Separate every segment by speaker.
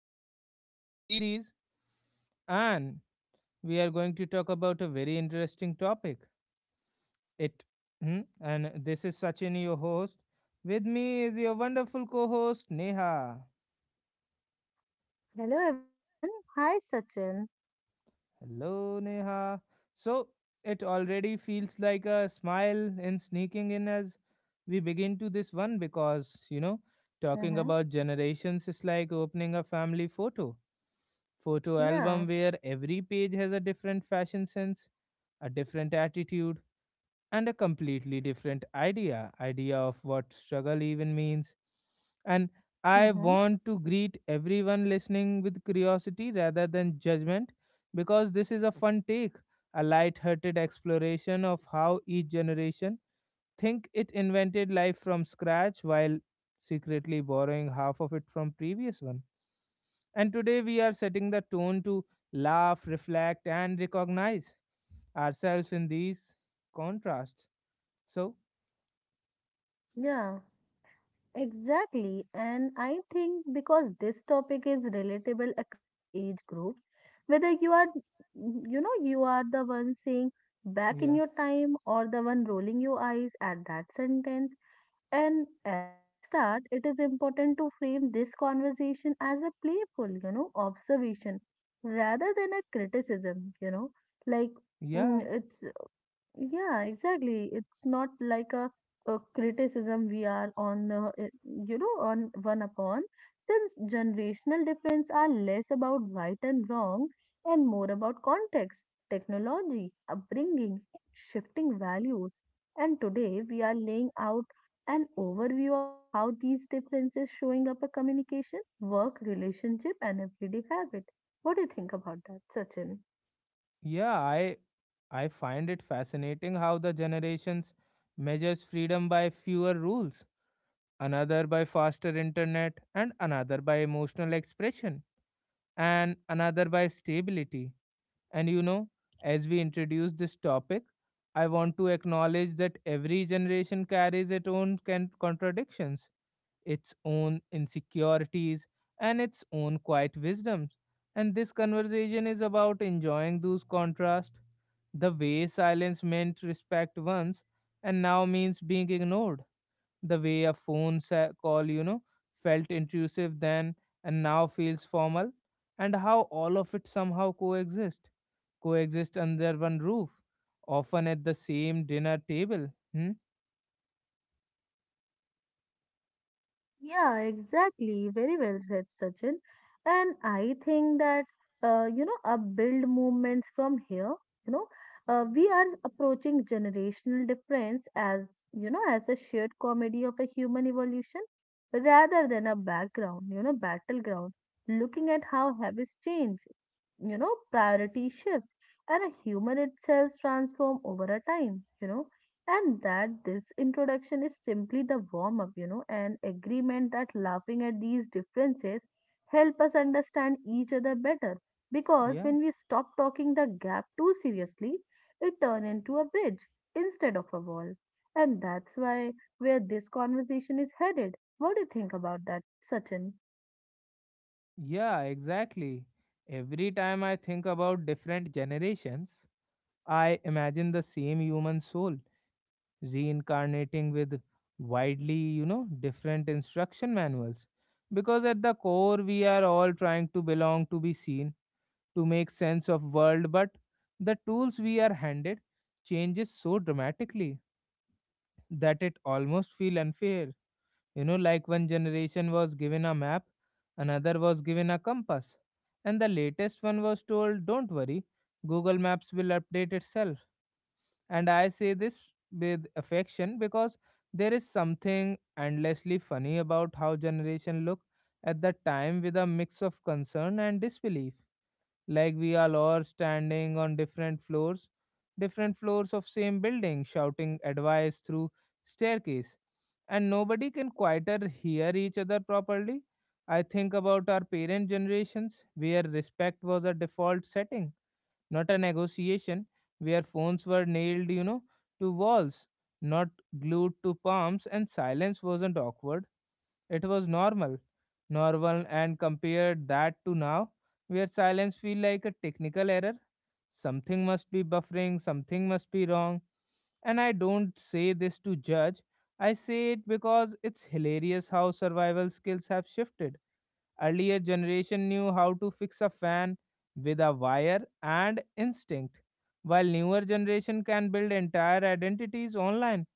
Speaker 1: of our podcast series. And we are going to talk about a very interesting topic. It and this is Sachin, your host. With me is your wonderful co host, Neha.
Speaker 2: Hello everyone. Hi Sachin.
Speaker 1: Hello, Neha. So it already feels like a smile in sneaking in as we begin to this one because, you know, talking
Speaker 2: Mm-hmm.
Speaker 1: about generations is like opening a family photo
Speaker 2: Yeah.
Speaker 1: album where every page has a different fashion sense, a different attitude, and a completely different idea of what struggle even means. And I
Speaker 2: Mm-hmm.
Speaker 1: want to greet everyone listening with curiosity rather than judgment because this is a fun take, a light hearted exploration of how each generation think it invented life from scratch while secretly borrowing half of it from previous one. And today we are setting the tone to laugh, reflect, and recognize ourselves in these contrasts. So,
Speaker 2: Yeah, exactly. And I think because this topic is relatable across age groups, whether you are, you are the one saying back in
Speaker 1: yeah,
Speaker 2: your time or the one rolling your eyes at that sentence. And as we start, it is important to frame this conversation as a playful, observation rather than a criticism, like Mm,
Speaker 1: yeah,
Speaker 2: it's Yeah, exactly. It's not like a criticism we are on, on one upon, since generational difference are less about right and wrong and more about context, technology, upbringing, shifting values. And today we are laying out an overview of how these differences showing up a communication, work, relationship, and everyday habit. What do you think about that, Sachin?
Speaker 1: yeah, I find it fascinating how the generations measures freedom by fewer rules, another by faster internet, and another by emotional expression, and another by stability. And you know, as we introduce this topic, I want to acknowledge that every generation carries its own contradictions, its own insecurities, and its own quiet wisdoms. And this conversation is about enjoying those contrasts, the way silence meant respect once and now means being ignored, the way a phone call, you know, felt intrusive then and now feels formal, and how all of it somehow coexist under one roof, often at the same dinner table. Hmm?
Speaker 2: Yeah, exactly. Very well said, Sachin. And I think that, upbuild movements from here, you know, we are approaching generational difference as, as a shared comedy of a human evolution rather than a background, battleground, looking at how habits change, priority shifts and a human itself transform over a time, and that this introduction is simply the warm up, an agreement that laughing at these differences help us understand each other better. Because
Speaker 1: Yeah,
Speaker 2: when we stop talking the gap too seriously, it turns into a bridge instead of a wall, and that's why where this conversation is headed. What do you think about that, Sachin?
Speaker 1: yeah, exactly. Every time I think about different generations, I imagine the same human soul reincarnating with widely, you know, different instruction manuals. Because at the core, we are all trying to belong, to be seen, to make sense of world, but the tools we are handed changes so dramatically that it almost feel unfair. You know, like one generation was given a map, another was given a compass, and the latest one was told, don't worry, Google Maps will update itself. And I say this with affection because there is something endlessly funny about how generation look at the time with a mix of concern and disbelief. Like we are all standing on different floors of same building, shouting advice through staircase. And nobody can quieter hear each other properly. I think about our parent generations where respect was a default setting not a negotiation, where phones were nailed, you know, to walls, not glued to palms, and silence wasn't awkward. It was normal. Normal, and compared that to now, where silence feel like a technical error. Something must be buffering, something must be wrong. And I don't say this to judge. I say it because it's hilarious how survival skills have shifted. Earlier generation knew how to fix a fan with a wire and instinct, while newer generation can build entire identities online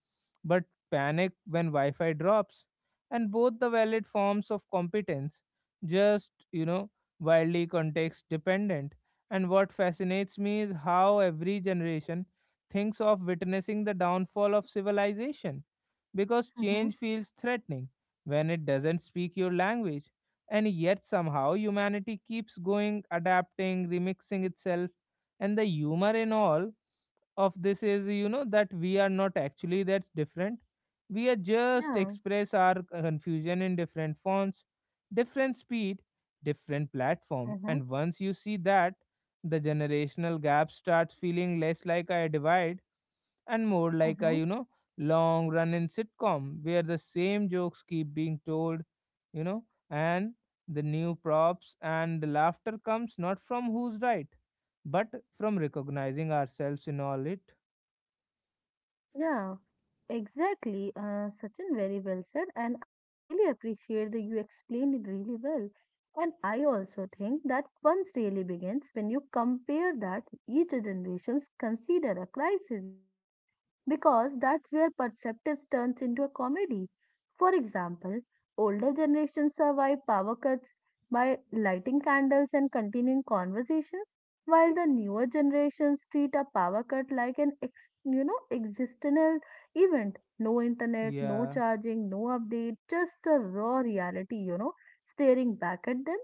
Speaker 1: but panic when Wi-Fi drops. And both the valid forms of competence, just you know, wildly context dependent. And what fascinates me is how every generation thinks of witnessing the downfall of civilization because
Speaker 2: Mm-hmm.
Speaker 1: change feels threatening when it doesn't speak your language. And yet, somehow, humanity keeps going, adapting, remixing itself. And the humor in all of this is, you know, that we are not actually that different. We are just
Speaker 2: Yeah.
Speaker 1: express our confusion in different fonts, different speed, different platform.
Speaker 2: Mm-hmm.
Speaker 1: And once you see that, the generational gap starts feeling less like a divide and more like a,
Speaker 2: Mm-hmm.
Speaker 1: you know, long run in sitcom where the same jokes keep being told, you know, and the new props, and the laughter comes not from who's right, but from recognizing ourselves in all it.
Speaker 2: Yeah, exactly. Sachin, very well said. And I really appreciate that you explained it really well. And I also think that once really begins when you compare that each generations consider a crisis, because that's where perceptives turns into a comedy. For example, older generations survive power cuts by lighting candles and continuing conversations, while the newer generations treat a power cut like an ex, you know, existential event. No internet, no
Speaker 1: Yeah.
Speaker 2: charging, no update, just a raw reality. You know, staring back at them.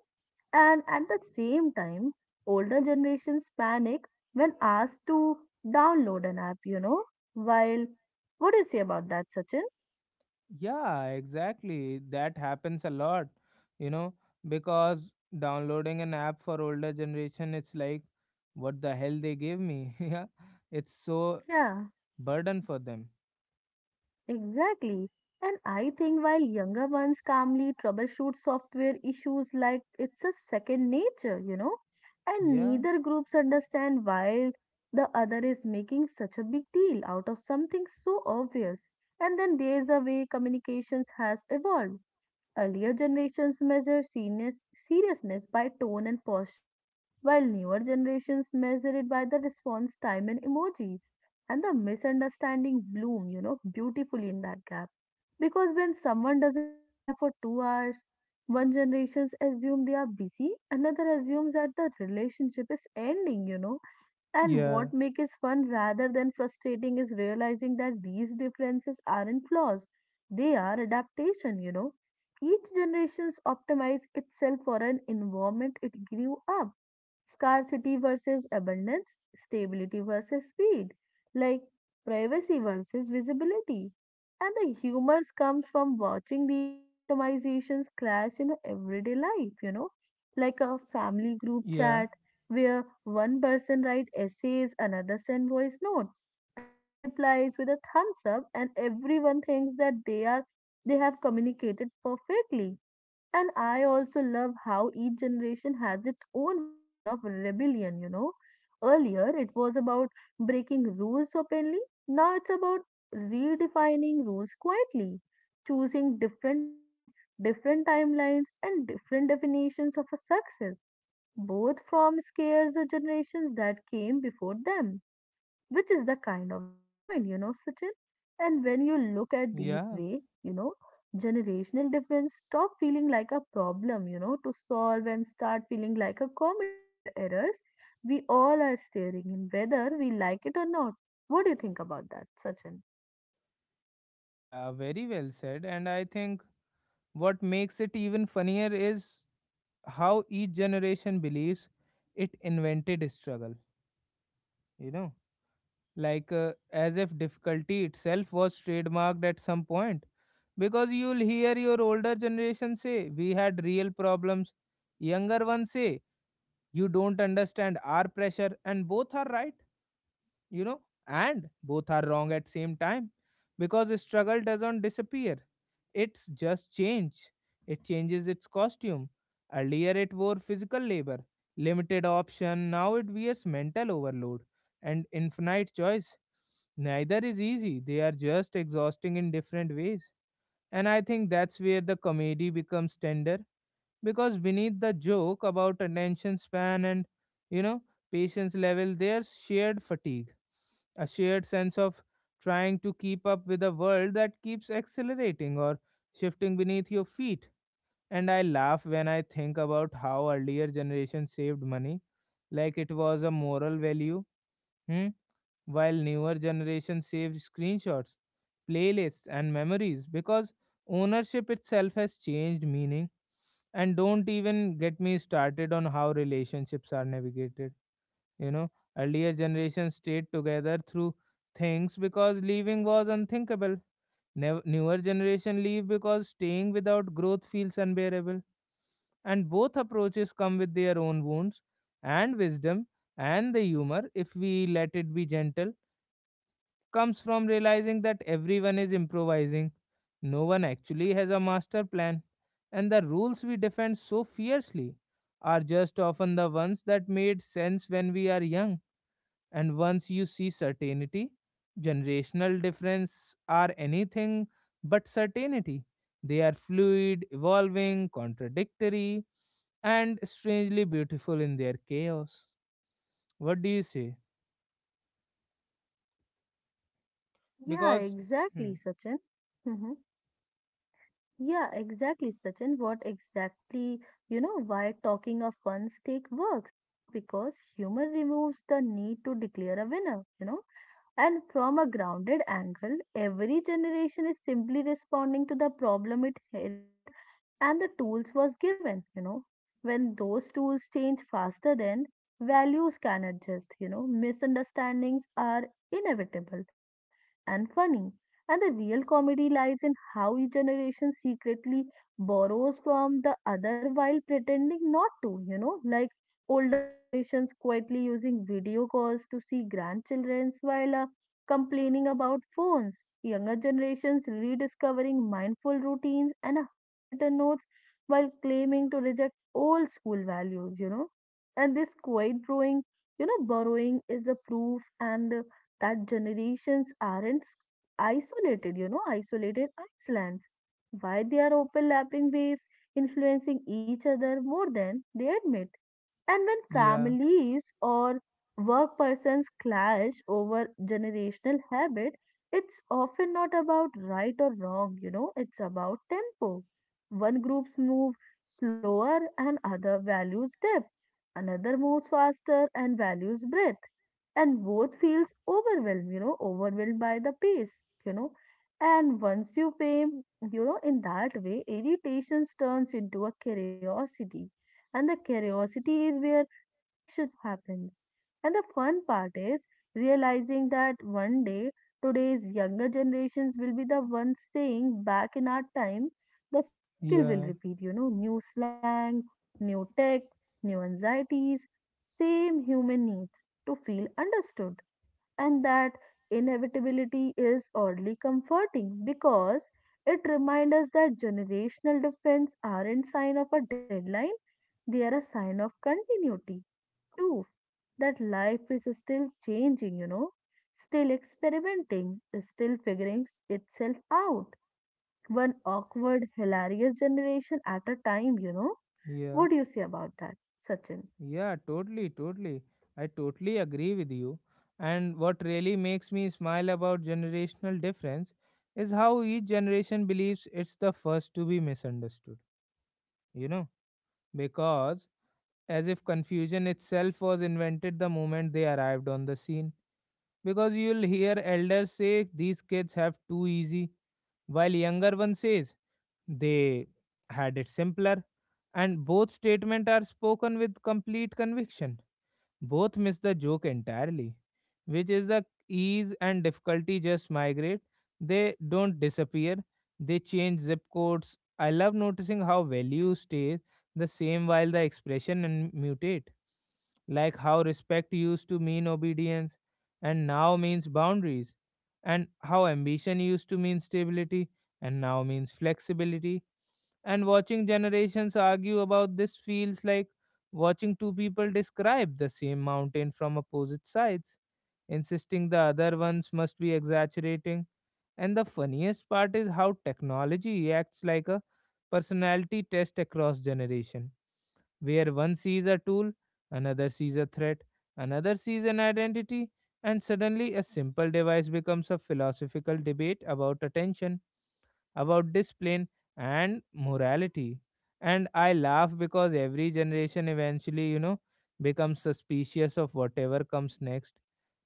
Speaker 2: And at the same time, older generations panic when asked to download an app, you know. While, what do you say about that, Sachin?
Speaker 1: Yeah, exactly. That happens a lot, you know, because downloading an app for older generation, it's like, what the hell they gave me? Yeah. It's so
Speaker 2: Yeah,
Speaker 1: burden for them.
Speaker 2: exactly. And I think while younger ones calmly troubleshoot software issues like it's a second nature, and
Speaker 1: Yeah.
Speaker 2: neither groups understand why the other is making such a big deal out of something so obvious. And then there's the way communications has evolved. Earlier generations measure seniors- seriousness by tone and posture, while newer generations measure it by the response time and emojis. And the misunderstanding bloom, beautifully in that gap. Because when someone doesn't reply for 2 hours, one generation assumes they are busy, another assumes that the relationship is ending, and
Speaker 1: Yeah.
Speaker 2: what makes it fun rather than frustrating is realizing that these differences aren't flaws. They are adaptation, you know. Each generation optimized itself for an environment it grew up, scarcity versus abundance, stability versus speed, like privacy versus visibility. And the humors comes from watching these optimizations clash in everyday life, like a family group
Speaker 1: Yeah.
Speaker 2: chat where one person writes essays, another sends voice note, another replies with a thumbs up, and everyone thinks that they have communicated perfectly. And I also love how each generation has its own version of rebellion, you know. Earlier, it was about breaking rules openly. Now it's about redefining rules quietly, choosing different paths, different timelines, and different definitions of a success, both from scares the generations that came before them, which is the kind of that point, you know, Sachin. And when you look at these
Speaker 1: Yeah.
Speaker 2: way, generational difference stop feeling like a problem, to solve and start feeling like a comedy of errors. We all are staring in whether we like it or not. What do you think about that, Sachin?
Speaker 1: Yeah. Very well said. And I think what makes it even funnier is how each generation believes it invented struggle, you know, like as if difficulty itself was trademarked at some point, because you'll hear your older generation say we had real problems, younger ones say you don't understand our pressure, and both are right, you know, and both are wrong at same time, because struggle doesn't disappear, it's just change. It changes its costume. Earlier it wore physical labor, limited option, now it wears mental overload and infinite choice. Neither is easy, they are just exhausting in different ways. And I think that's where the comedy becomes tender, because beneath the joke about attention span and, you know, patience level, there's shared fatigue, a shared sense of trying to keep up with a world that keeps accelerating or shifting beneath your feet. And I laugh when I think about how earlier generations saved money like it was a moral value. Hmm? While newer generation saves screenshots, playlists, and memories because ownership itself has changed meaning. And don't even get me started on how relationships are navigated. You know, earlier generations stayed together through things because leaving was unthinkable. Newer generation leave because staying without growth feels unbearable. And both approaches come with their own wounds and wisdom, and the humor, if we let it be gentle, comes from realizing that everyone is improvising. No one actually has a master plan, and the rules we defend so fiercely are just often the ones that made sense when we are young. And once you see certainty, generational difference are anything but certainty. They are fluid, evolving, contradictory, and strangely beautiful in their chaos. What do you say?
Speaker 2: Yeah,
Speaker 1: Because, hmm,
Speaker 2: exactly, Sachin. Hmm. Yeah, exactly, Sachin. What exactly, why talking of one's take works, because humor removes the need to declare a winner, you know. And from a grounded angle, every generation is simply responding to the problem it inherited and the tools was given, you know. When those tools change faster than values can adjust, misunderstandings are inevitable and funny. And the real comedy lies in how each generation secretly borrows from the other while pretending not to, like older generations quietly using video calls to see grandchildren while a complaining about phones, younger generations rediscovering mindful routines and handwritten notes while claiming to reject old school values, you know. And this quiet borrowing, borrowing is a proof and that generations aren't isolated, isolated islands. Why they are overlapping waves influencing each other more than they admit. And when
Speaker 1: yeah,
Speaker 2: families or work persons clash over generational habit, it's often not about right or wrong, it's about tempo. One groups move slower and other values depth. Another moves faster and values breadth. And both feels overwhelmed, overwhelmed by the pace, you know. And once you pay, in that way, irritations turns into a curiosity and the curiosity is where connection happens. And the fun part is realizing that one day today's younger generations will be the ones saying back in our time. The cycle will
Speaker 1: yeah,
Speaker 2: repeat, new slang, new tech, new anxieties, same human needs to feel understood. And that inevitability is oddly comforting because it reminds us that generational difference aren't sign of a deadline, they are a sign of continuity, proof that life is still changing, still experimenting, still figuring itself out. One awkward, hilarious generation at a time, you know. What
Speaker 1: yeah.
Speaker 2: do you say about that, Sachin?
Speaker 1: Yeah, totally, totally. I totally agree with you. And what really makes me smile about generational difference is how each generation believes it's the first to be misunderstood, you know, because as if confusion itself was invented the moment they arrived on the scene. Because you'll hear elders say these kids have too easy, while younger one says they had it simpler, and both statements are spoken with complete conviction, both miss the joke entirely, which is the ease and difficulty just migrate. They don't disappear, they change zip codes. I love noticing how value stays the same while the expression and mutate, like how respect used to mean obedience and now means boundaries, and how ambition used to mean stability and now means flexibility, and watching generations argue about this feels like watching two people describe the same mountain from opposite sides, insisting the other ones must be exaggerating. And the funniest part is how technology acts like a personality test across generation, where one sees a tool, another sees a threat, another sees an identity, and suddenly a simple device becomes a philosophical debate about attention, about discipline and morality. And I laugh because every generation eventually, you know, becomes suspicious of whatever comes next.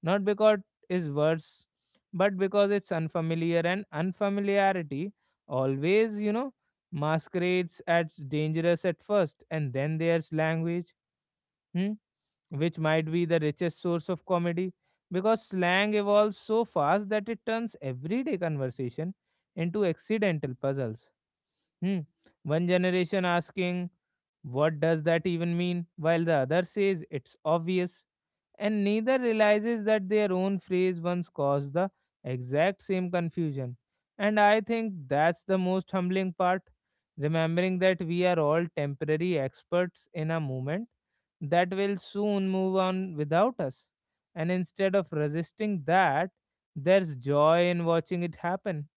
Speaker 1: Not because it's worse, but because it's unfamiliar, and unfamiliarity always, you know, masquerades as dangerous at first. And then there's language. Hmm? Which might be the richest source of comedy because slang evolves so fast that it turns everyday conversation into accidental puzzles. Hmm. One generation asking, "What does that even mean?" while the other says, "It's obvious," and neither realizes that their own phrase once caused the exact same confusion. And I think that's the most humbling part, remembering that we are all temporary experts in a moment that will soon move on without us. And instead of resisting that, there's joy in watching it happen,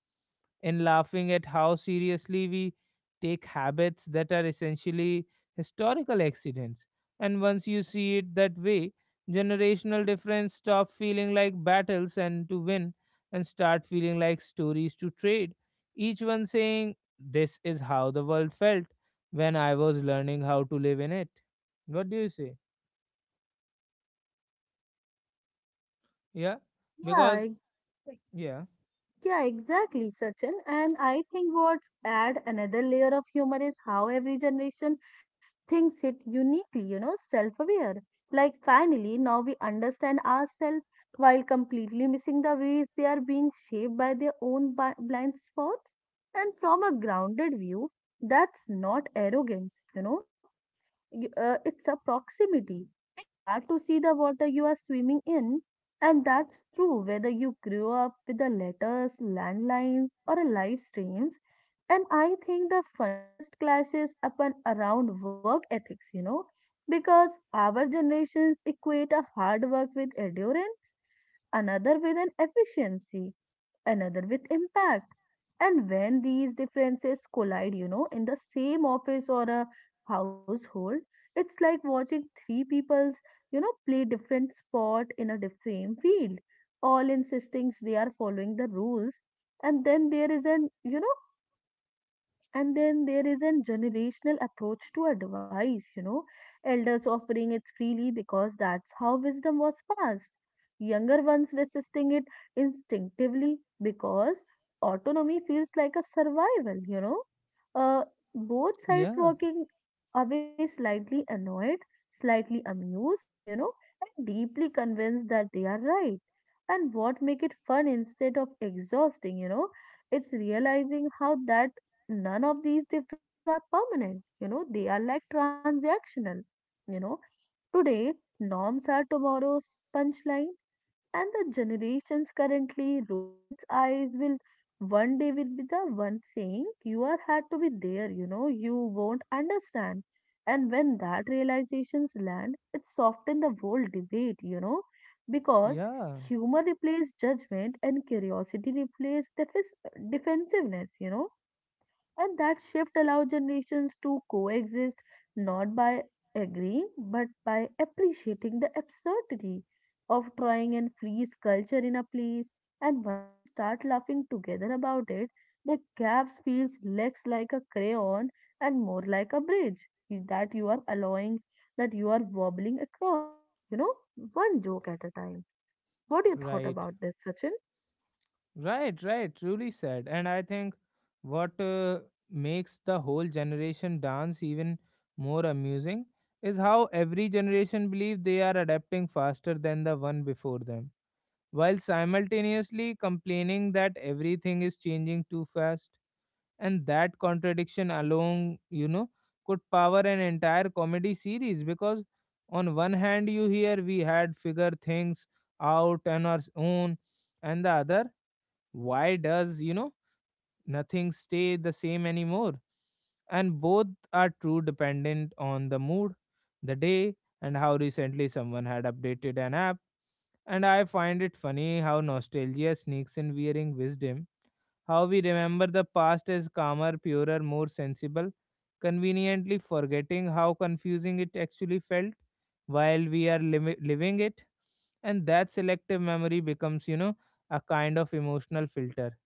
Speaker 1: in laughing at how seriously we take habits that are essentially historical accidents. And once you see it that way, generational difference stop feeling like battles and to win, and start feeling like stories to trade. Each one saying, "This is how the world felt when I was learning how to live in it." What do you say? Yeah, because
Speaker 2: Yeah.
Speaker 1: yeah,
Speaker 2: Yeah, exactly, Sachin. And I think what's add another layer of humor is how every generation thinks it uniquely, self-aware. Like finally, now we understand ourselves while completely missing the ways they are being shaped by their own blind spots. And from a grounded view, that's not arrogance, it's a proximity. It's hard to see the water you are swimming in, and that's true whether you grew up with the letters, landlines, or a live streams. And I think the funniest clashes happen around work ethics, because our generations equate a hard work with endurance, another with an efficiency, another with impact. And when these differences collide, in the same office or a household, it's like watching three people's, play different sport in a same field, all insisting they are following the rules. And then there is an, you know, and then there is a generational approach to advice, elders offering it freely because that's how wisdom was passed. Younger ones resisting it instinctively because autonomy feels like a survival, you know. Uh, Both sides
Speaker 1: yeah,
Speaker 2: walking away slightly annoyed, slightly amused, and deeply convinced that they are right. And what make it fun instead of exhausting, it's realizing how that none of these differences are permanent, they are like transactional, you know today norms are tomorrow's punchline, and the generations currently rolling its eyes will one day will be the one saying you are had to be there, you won't understand. And when that realizations land, it softens the whole debate, because
Speaker 1: yeah.
Speaker 2: humor replaces judgment and curiosity replaces defensiveness, and that shift allows generations to coexist, not by agreeing but by appreciating the absurdity of trying and freeze culture in a place. And once you start laughing together about it, the gaps feels less like a crayon and more like a bridge that you are allowing, that you are wobbling across. You know, one joke at a time. What do you thought
Speaker 1: Right,
Speaker 2: about this, Sachin?
Speaker 1: right, right, truly said. And I think what makes the whole generation dance even more amusing is how every generation believe they are adapting faster than the one before them while simultaneously complaining that everything is changing too fast. And that contradiction alone, you know, could power an entire comedy series because, on one hand, you hear we had figure things out on our own, and the other, why does, you know, nothing stay the same anymore, and both are true dependent on the mood, the day, and how recently someone had updated an app. And I find it funny how nostalgia sneaks in wearing wisdom, how we remember the past as calmer, purer, more sensible, conveniently forgetting how confusing it actually felt while we are living it. And that selective memory becomes, you know, a kind of emotional filter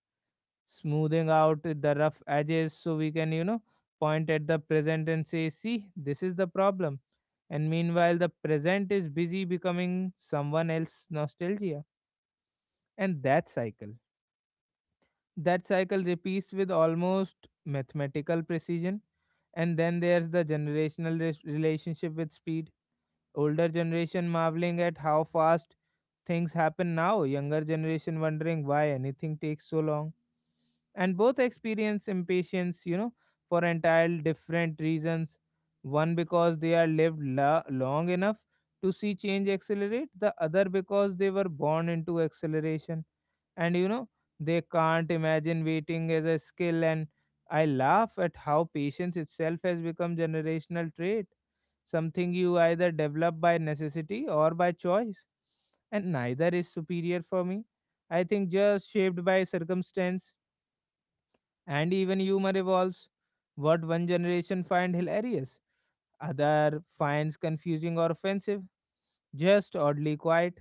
Speaker 1: smoothing out the rough edges so we can, you know, point at the present and say, see, this is the problem. And meanwhile, the present is busy becoming someone else's nostalgia. And that cycle repeats with almost mathematical precision. And then there's the generational relationship with speed. Older generation marveling at how fast things happen now, younger generation wondering why anything takes so long, and both experience impatience, for entirely different reasons. One because they are lived long enough to see change accelerate, the other because they were born into acceleration and, they can't imagine waiting as a skill. And I laugh at how patience itself has become generational trait, something you either develop by necessity or by choice, and neither is superior. For me, I think just shaped by circumstance. And even humor evolves. What one generation finds hilarious, other finds confusing or offensive, just oddly quiet.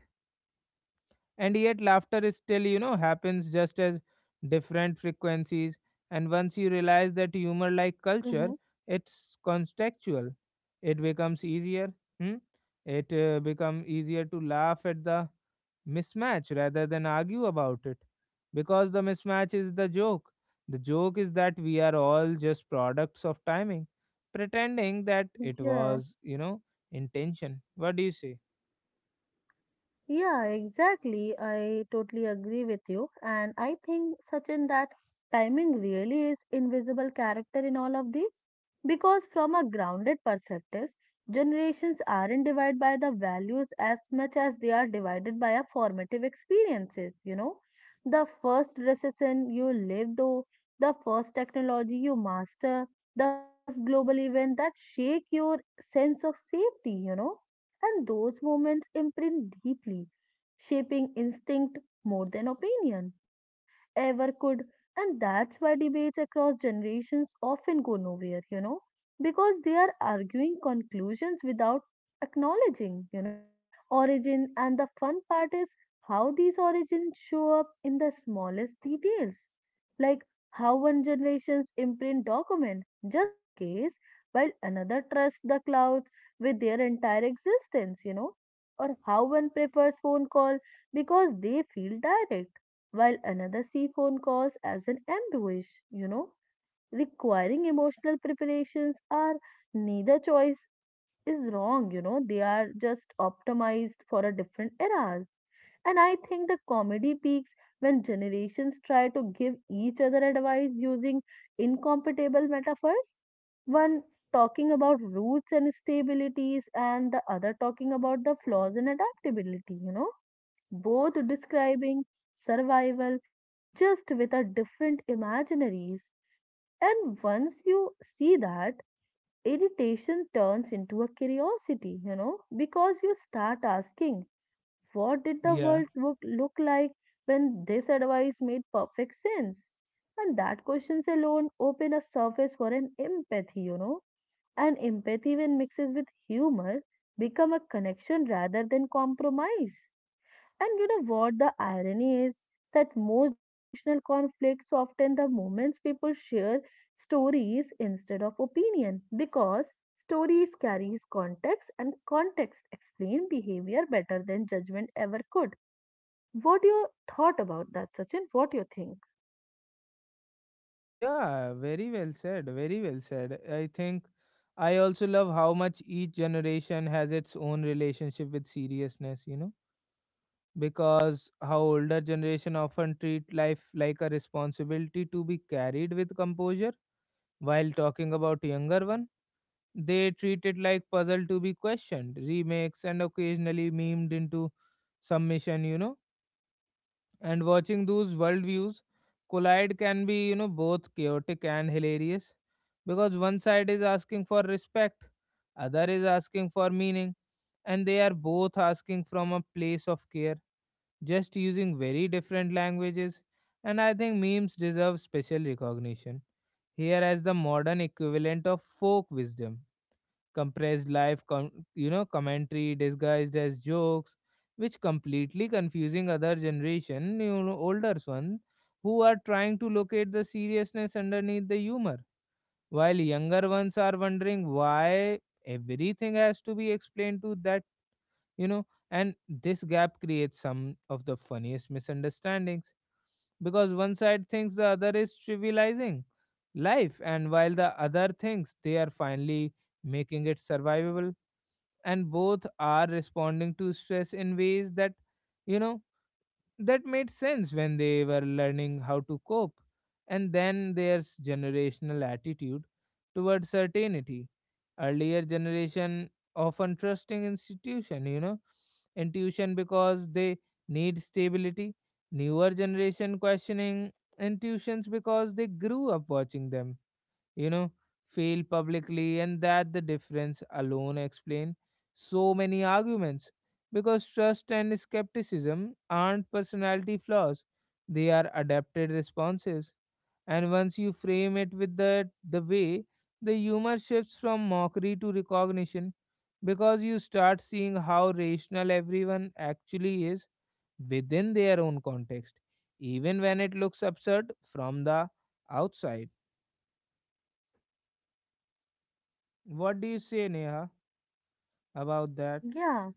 Speaker 1: And yet laughter is still, happens just as different frequencies. And once you realize that humor, like
Speaker 2: Mm-hmm.
Speaker 1: culture, it's contextual. It becomes easier. Hmm? It become easier to laugh at the mismatch rather than argue about it, because the mismatch is the joke. The joke is that we are all just products of timing, pretending that it
Speaker 2: Yeah.
Speaker 1: was, you know, intention. What do you say?
Speaker 2: Yeah, exactly. I totally agree with you. And I think, Sachin, that timing really is invisible character in all of these. Because from a grounded perspective, generations aren't divided by the values as much as they are divided by our formative experiences, you know. The first recession you live through, the first technology you master, the first global event that shake your sense of safety, and those moments imprint deeply, shaping instinct more than opinion, ever could. And that's why debates across generations often go nowhere, because they are arguing conclusions without acknowledging, origin. And the fun part is how these origins show up in the smallest details, like how one generation's imprint document, just in case, while another trusts the clouds with their entire existence, or how one prefers phone call because they feel direct, while another see phone calls as an ambush, requiring emotional preparations are neither choice is wrong, you know. They are just optimized for a different eras. And I think the comedy peaks when generations try to give each other advice using incompatible metaphors. One talking about roots and stabilities, and the other talking about the flaws and adaptability, Both describing survival just with a different imaginaries. And once you see that, irritation turns into a curiosity, because you start asking, what did the
Speaker 1: Yeah.
Speaker 2: world look like when this advice made perfect sense? And that questions alone open a surface for an empathy, And empathy, when mixes with humor, become a connection rather than compromise. And you know what the irony is? That most generational conflicts often the moments people share stories instead of opinion because stories carries context and context explain behavior better than judgment ever could. What do you thought about that, Sachin? What do you think?
Speaker 1: Yeah, very well said. Very well said. I think I also love how much each generation has its own relationship with seriousness, you know, because how older generation often treat life like a responsibility to be carried with composure. While talking about younger one, they treat it like puzzle to be questioned, remakes, and occasionally memed into submission. You know. And watching those worldviews collide can be, both chaotic and hilarious, because one side is asking for respect, other is asking for meaning, and they are both asking from a place of care, just using very different languages. And I think memes deserve special recognition here as the modern equivalent of folk wisdom, compressed life commentary disguised as jokes, which completely confusing other generation, you know, older one, who are trying to locate the seriousness underneath the humor, while younger ones are wondering why everything has to be explained to that. And this gap creates some of the funniest misunderstandings because one side thinks the other is trivializing life, and while the other things they are finally making it survivable. And both are responding to stress in ways that, you know that made sense when they were learning how to cope. And then there's generational attitude towards certainty. Earlier generation often trusting institution, intuition, because they need stability. Newer generation questioning intuitions because they grew up watching them, you know, fail publicly. And that the difference alone explain so many arguments, because trust and skepticism aren't personality flaws, they are adapted responses. And once you frame it with the way, the humor shifts from mockery to recognition, because you start seeing how rational everyone actually is within their own context, even when it looks absurd from the outside. What do you say, Neha? About that.
Speaker 2: Yeah.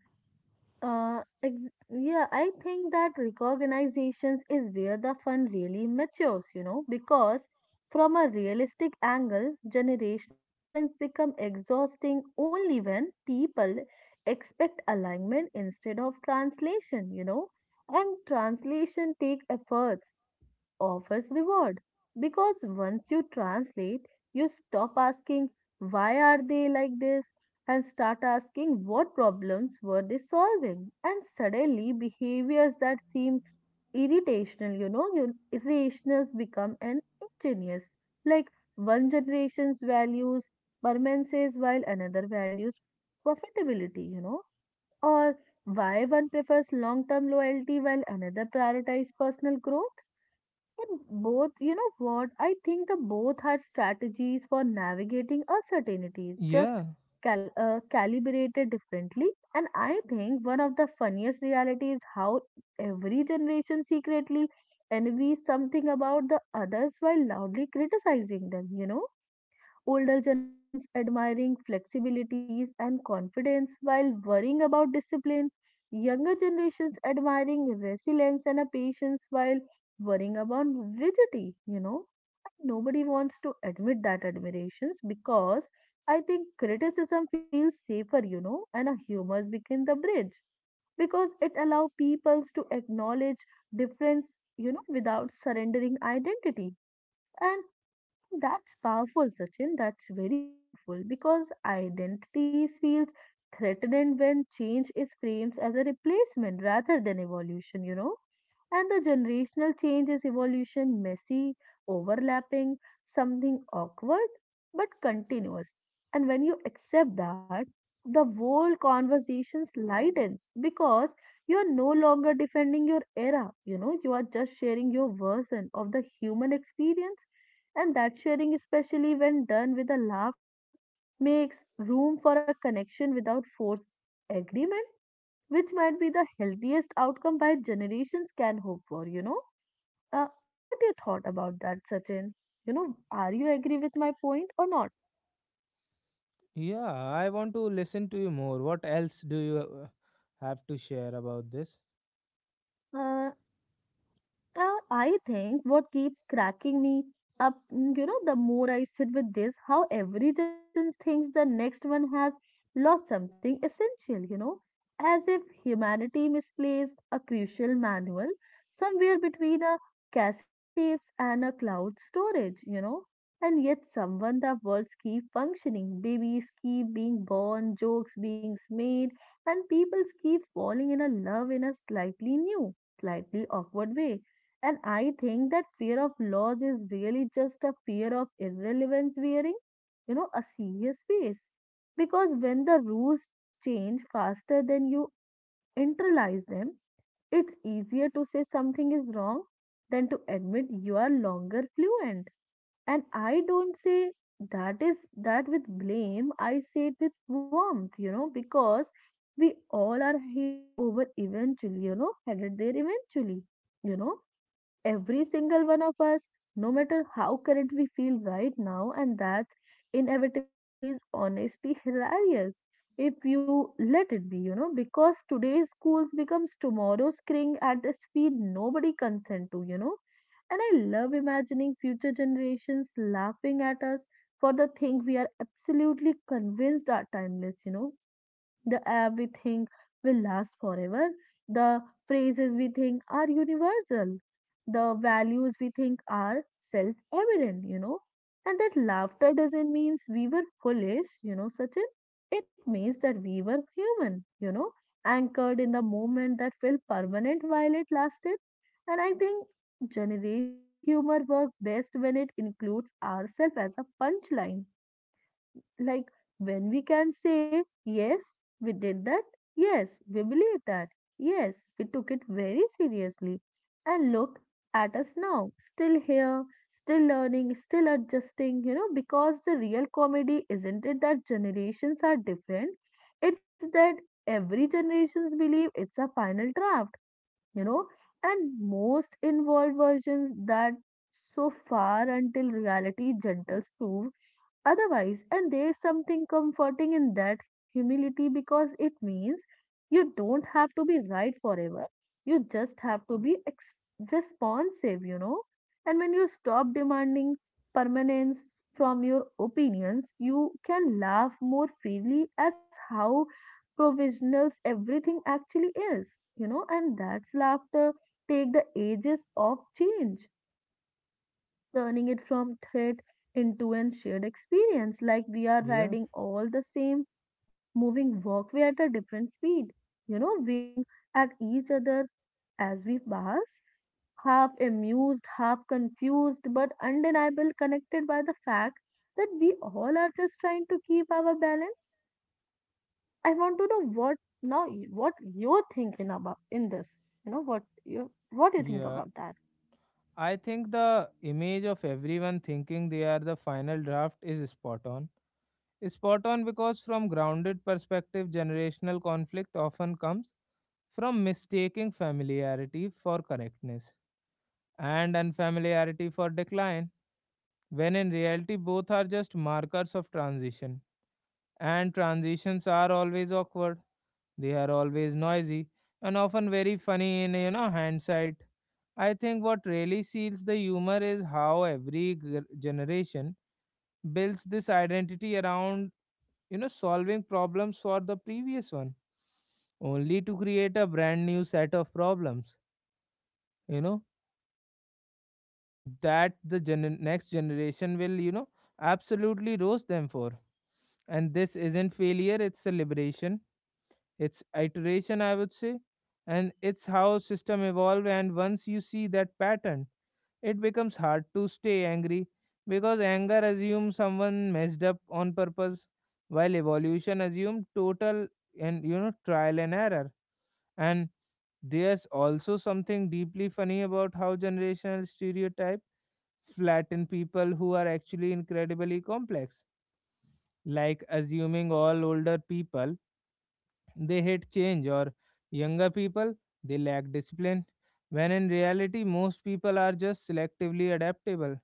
Speaker 2: Yeah, I think that recognizations is where the fun really matures, because from a realistic angle, generational difference become exhausting only when people expect alignment instead of translation, and translation take efforts but offers reward because once you translate, you stop asking why are they like this and start asking what problems were they solving and suddenly behaviors that seem irritational you irrationals become an ingenious like one generation's values permanences while another values profitability or why one prefers long term loyalty while another prioritizes personal growth and both, you know what? I think the both are strategies for navigating uncertainty, just
Speaker 1: Yeah,
Speaker 2: calibrated differently. And I think one of the funniest realities is how every generation secretly envies something about the others while loudly criticizing them, you know? Older generations admiring flexibilities and confidence while worrying about discipline, younger generations admiring resilience and a patience while worrying about rigidity, Nobody wants to admit that admirations because I think criticism feels safer, and a humor became the bridge because it allows peoples to acknowledge difference without surrendering identity and that's powerful, Sachin. That's very powerful because identity feels threatened when change is framed as a replacement rather than evolution, And the generational change is evolution, messy, overlapping, something awkward, but continuous. And when you accept that, the whole conversations lightens because you are no longer defending your era, you are just sharing your version of the human experience and that sharing, especially when done with a laughter, makes room for a connection without forced agreement, which might be the healthiest outcome by generations can hope for. What do you thought about that, Sachin? You know, are you agree with my point or not?
Speaker 1: yeah, I want to listen to you more. What else do you have to share about this?
Speaker 2: Uh, I think what keeps cracking me up, the more I sit with this, how every generation thinks the next one has lost something essential, as if humanity misplaced a crucial manual somewhere between a cassette tapes and a cloud storage, And yet, someone the worlds keep functioning, babies keep being born, jokes being made, and people keep falling in a love in a slightly new, slightly awkward way and I think that fear of loss is really just a fear of irrelevance wearing, a serious face. Because when the rules change faster than you internalize them, it's easier to say something is wrong than to admit you are longer fluent. And I don't say that is that with blame, I say it with warmth, because we all are headed over eventually, headed there eventually, you know Every single one of us, no matter how current we feel right now, and that inevitability is honestly hilarious if you let it be, because today's schools becomes tomorrow's screen at the speed nobody consent to, And I love imagining future generations laughing at us for the thing we are absolutely convinced are timeless, The air we think will last forever, the phrases we think are universal, the values we think are self evident, And that laughter doesn't mean we were foolish, Sachin. It means that we were human, anchored in the moment that felt permanent while it lasted. And I think generational humor works best when it includes ourselves as a punchline like when we can say, yes, we did that, yes, we believe that, yes, we took it very seriously, and look at us now, still here, still learning, still adjusting, because the real comedy isn't it that generations are different, it's that every generations believe it's a final draft, you know, and most involved versions that so far until reality gentles proves otherwise, and there is something comforting in that humility because it means you don't have to be right forever. You just have to be responsive, And when you stop demanding permanence from your opinions, you can laugh more freely as how provisional everything actually is, And that's laughter take the ages of change turning it from threat into a shared experience, like we are
Speaker 1: Yeah,
Speaker 2: riding all the same moving walkway at a different speed, waving at each other as we pass, half amused, half confused, but undeniable connected by the fact that we all are just trying to keep our balance. I want to know what now what you're thinking about in this. You know what you what do you think
Speaker 1: yeah.
Speaker 2: about that?
Speaker 1: I think the image of everyone thinking they are the final draft is spot on. Spot on, because from grounded perspective, generational conflict often comes from mistaking familiarity for correctness and unfamiliarity for decline, when in reality both are just markers of transition. And transitions are always awkward. They are always noisy and often very funny in, hindsight. I think what really seals the humor is how every generation builds this identity around, solving problems for the previous one, only to create a brand new set of problems, you know that the next generation will, absolutely roast them for. And this isn't failure, it's celebration. It's iteration, I would say, and it's how system evolve. And once you see that pattern, it becomes hard to stay angry, because anger assumes someone messed up on purpose, while evolution assumes total and, trial and error. And there's also something deeply funny about how generational stereotype flatten people who are actually incredibly complex, like assuming all older people, they hate change, or younger people, they lack discipline, when in reality, most people are just selectively adaptable,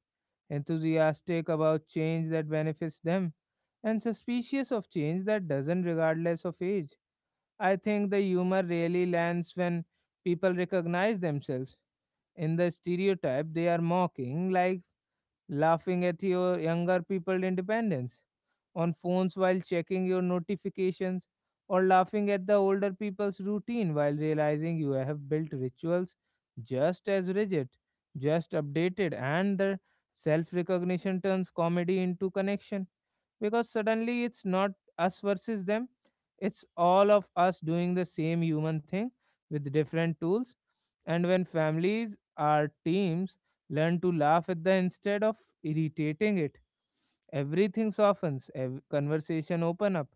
Speaker 1: enthusiastic about change that benefits them, and suspicious of change that doesn't, regardless of age. I think the humor really lands when people recognize themselves in the stereotype they are mocking, like laughing at your younger people independence on phones while checking your notifications, or laughing at the older people's routine while realizing you have built rituals just as rigid, just updated. And the self recognition turns comedy into connection, because suddenly it's not us versus them, it's all of us doing the same human thing with different tools. And when families or teams learn to laugh at the instead of irritating it, everything softens, conversation open up,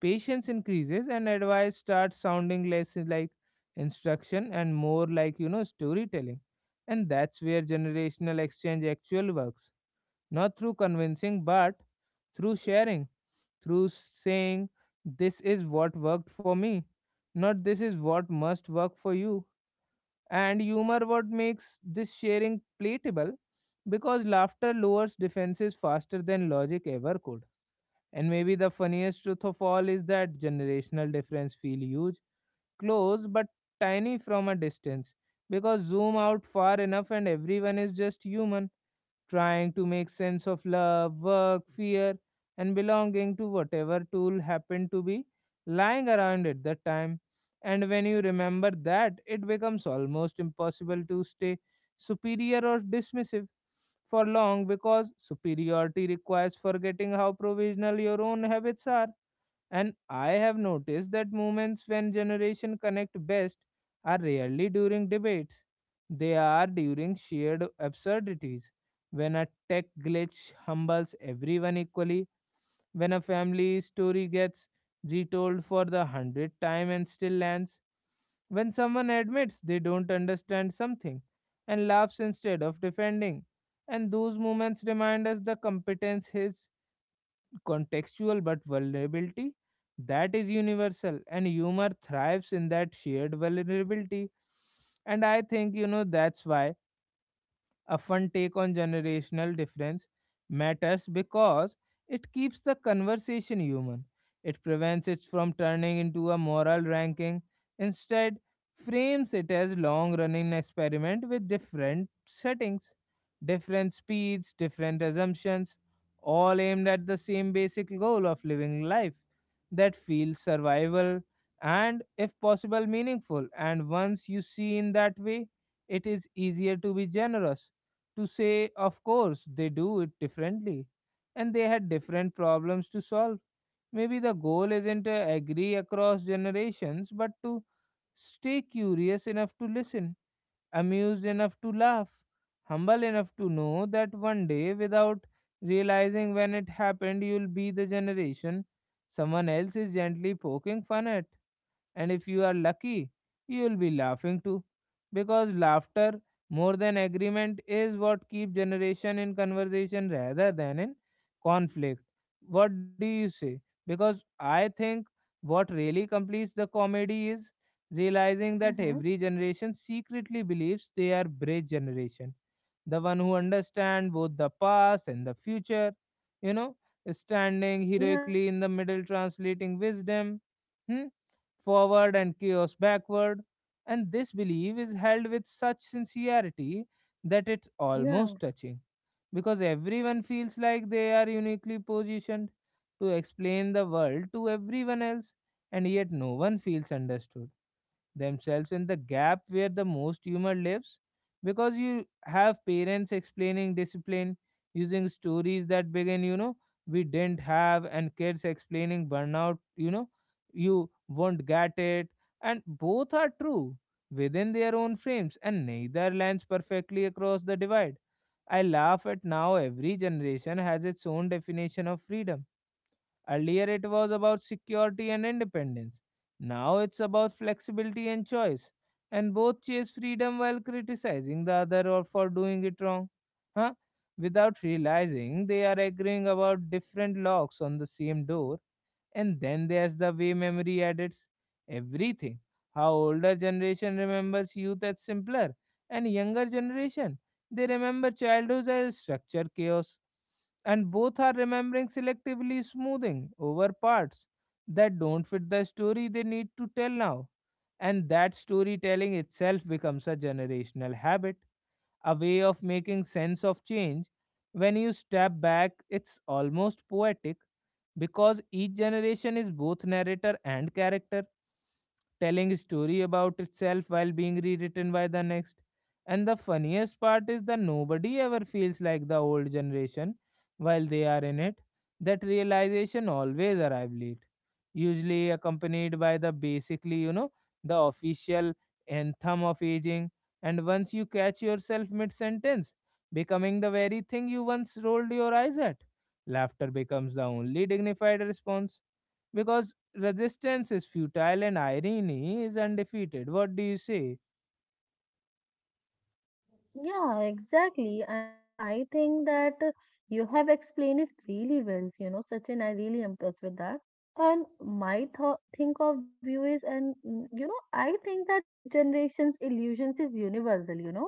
Speaker 1: patience increases, and advice starts sounding less like instruction and more like, storytelling. And that's where generational exchange actual works, not through convincing, but through sharing, through saying, this is what worked for me, not this is what must work for you. And humor what makes this sharing palatable, because laughter lowers defenses faster than logic ever could. And maybe the funniest truth of all is that generational difference feel huge, close, but tiny from a distance, because zoom out far enough and everyone is just human trying to make sense of love, work, fear, and belonging to whatever tool happened to be lying around at that time. And when you remember that, it becomes almost impossible to stay superior or dismissive for long, because superiority requires forgetting how provisional your own habits are. And I have noticed that moments when generation connect best are rarely during debates. They are during shared absurdities. When a tech glitch humbles everyone equally, when a family story gets retold for the 100th time and still lands, when someone admits they don't understand something and laughs instead of defending. And those moments remind us the competence is contextual, but vulnerability, that is universal, and humor thrives in that shared vulnerability. And I think, that's why a fun take on generational difference matters, because it keeps the conversation human. It prevents it from turning into a moral ranking. Instead, frames it as long-running experiment with different settings, different speeds, different assumptions, all aimed at the same basic goal of living life that feels survival and, if possible, meaningful. And once you see in that way, it is easier to be generous, to say, of course, they do it differently and they had different problems to solve. Maybe the goal isn't to agree across generations, but to stay curious enough to listen, amused enough to laugh, humble enough to know that one day, without realizing when it happened, you'll be the generation someone else is gently poking fun at. And if you are lucky, you will be laughing too. Because laughter, more than agreement, is what keeps generation in conversation rather than in conflict. What do you say? Because I think what really completes the comedy is realizing that
Speaker 2: Mm-hmm.
Speaker 1: every generation secretly believes they are bridge generation, the one who understands both the past and the future, you know, standing
Speaker 2: Yeah,
Speaker 1: heroically in the middle, translating wisdom, hmm, forward and chaos backward. And this belief is held with such sincerity that it's
Speaker 2: yeah.
Speaker 1: almost touching, because everyone feels like they are uniquely positioned to explain the world to everyone else, and yet no one feels understood themselves in the gap where the most humor lives, because you have parents explaining discipline using stories that begin, we didn't have, and kids explaining burnout, you won't get it. And both are true within their own frames, and neither lands perfectly across the divide. I laugh at now every generation has its own definition of freedom. Earlier, it was about security and independence. Now, it's about flexibility and choice. And both chase freedom while criticizing the other or for doing it wrong. Huh? Without realizing, they are agreeing about different locks on the same door. And then there's the way memory edits everything. How older generation remembers youth as simpler, and younger generation, they remember childhood as structure chaos, and both are remembering selectively, smoothing over parts that don't fit the story they need to tell now. And that storytelling itself becomes a generational habit, a way of making sense of change. When you step back, it's almost poetic, because each generation is both narrator and character, telling a story about itself while being rewritten by the next. And the funniest part is that nobody ever feels like the old generation while they are in it. That realization always arrives late, usually accompanied by the basically, the official anthem of aging. And once you catch yourself mid sentence, becoming the very thing you once rolled your eyes at, laughter becomes the only dignified response because resistance is futile and irony is undefeated. What do you say?
Speaker 2: Yeah, exactly. And I think that you have explained it really well, Sachin, I really impressed with that. And my thought think of you is and I think that bridge generations illusions is universal,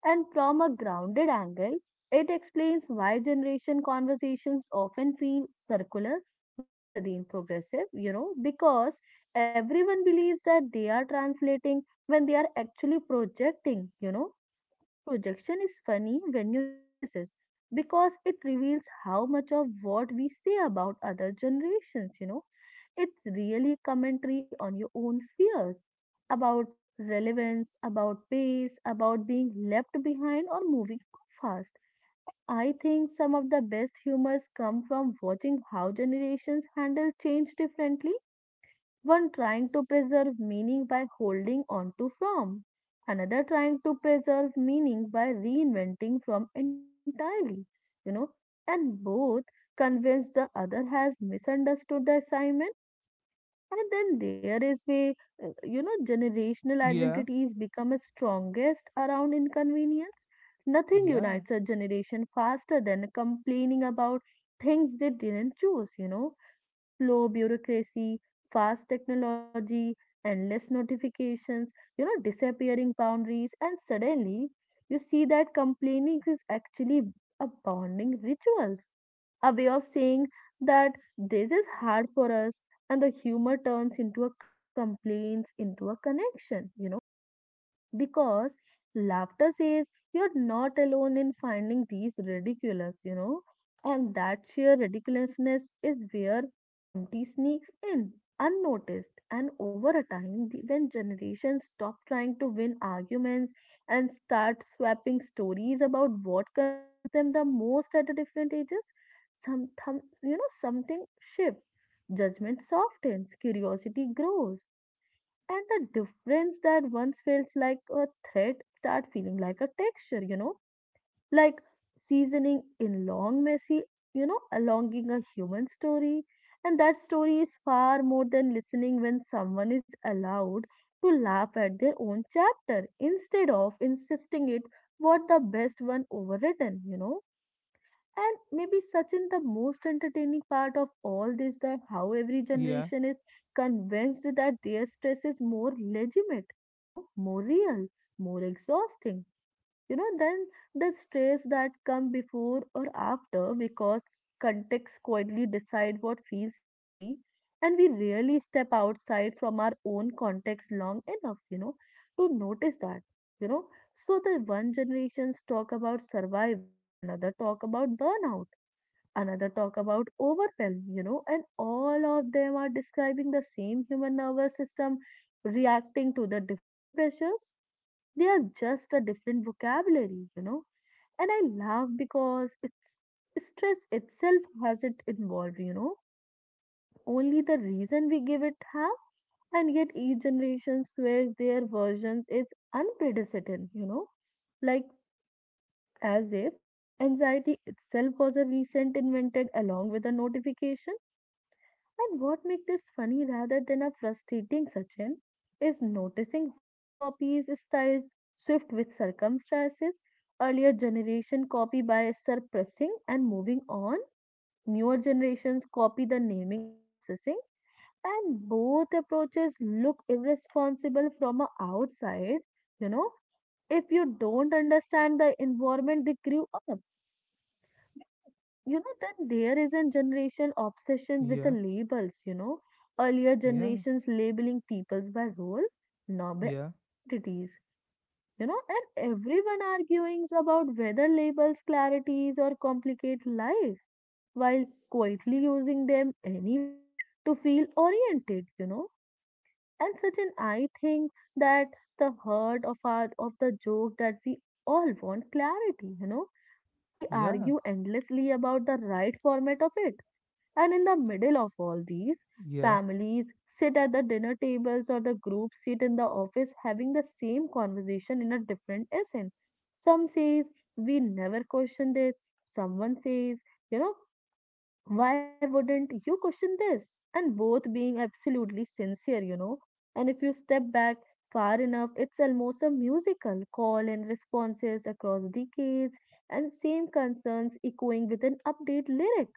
Speaker 2: And from a grounded angle, it explains why generation conversations often feel circular rather than progressive, because everyone believes that they are translating when they are actually projecting, Projection is funny when you notice it because it reveals how much of what we say about other generations, It's really commentary on your own fears about relevance, about pace, about being left behind or moving too fast. I think some of the best humors come from watching how generations handle change differently one trying to preserve meaning by holding on to form, another trying to preserve meaning by reinventing form entirely, you know, and both convince the other has misunderstood the assignment and then there is where, generational
Speaker 1: Yeah,
Speaker 2: identities become a strongest around inconvenience. Nothing
Speaker 1: yeah,
Speaker 2: unites a generation faster than complaining about things they didn't choose, Slow bureaucracy, fast technology, endless notifications, disappearing boundaries, and suddenly you see that complaining is actually a bonding rituals, a way of saying that this is hard for us and the humor turns into a complaints into a connection because laughter says you're not alone in finding these ridiculous, and that sheer ridiculousness is where empty sneaks in, unnoticed, and over a time, the, when generations stop trying to win arguments and start swapping stories about what confused them the most at the different ages, something shifts. Judgment softens, curiosity grows and the difference that once felt like a threat start feeling like a texture like seasoning in long messy alonging a human story and that story is far more than listening when someone is allowed to laugh at their own chapter instead of insisting it what the best one overwritten and maybe Sachin, the most entertaining part of all this, that how every
Speaker 1: yeah,
Speaker 2: generation is convinced that their stress is more legitimate, more real, more exhausting then the stress that come before or after because context quietly decide what feels heavy and we rarely step outside from our own context long enough to notice that you know so the one generations talk about survival another talk about burnout another talk about overwhelm and all of them are describing the same human nervous system reacting to the different pressures they are just a different vocabulary, And I laugh because it's stress itself has it involved, Only the reason we give it half, and yet each generation swears their versions is unprecedented, Like as if anxiety itself was a recent invented along with a notification. And what makes this funny rather than a frustrating Sachin is noticing how copies styles shift with circumstances. Earlier generation copy by suppressing and moving on. Newer generations copy the naming and processing. And both approaches look irresponsible from a outside. You know, if you don't understand the environment they grew up, then there is a generation obsession with the
Speaker 1: yeah,
Speaker 2: labels, earlier
Speaker 1: yeah,
Speaker 2: generations labeling peoples by role, now by
Speaker 1: yeah,
Speaker 2: identities, and everyone arguing about whether labels clarities or complicate life while quietly using them anyway to feel oriented. And such an I think that the heart of our of the joke that we all want clarity, but we
Speaker 1: yeah,
Speaker 2: argue endlessly about the right format of it. And in the middle of all these,
Speaker 1: yeah,
Speaker 2: families sit at the dinner tables or the group sit in the office having the same conversation in a different accent. Some says we never question this. Someone says, you know, why wouldn't you question this? And both being absolutely sincere, And if you step back far enough, it's almost a musical call and responses across decades and same concerns echoing with an update lyric.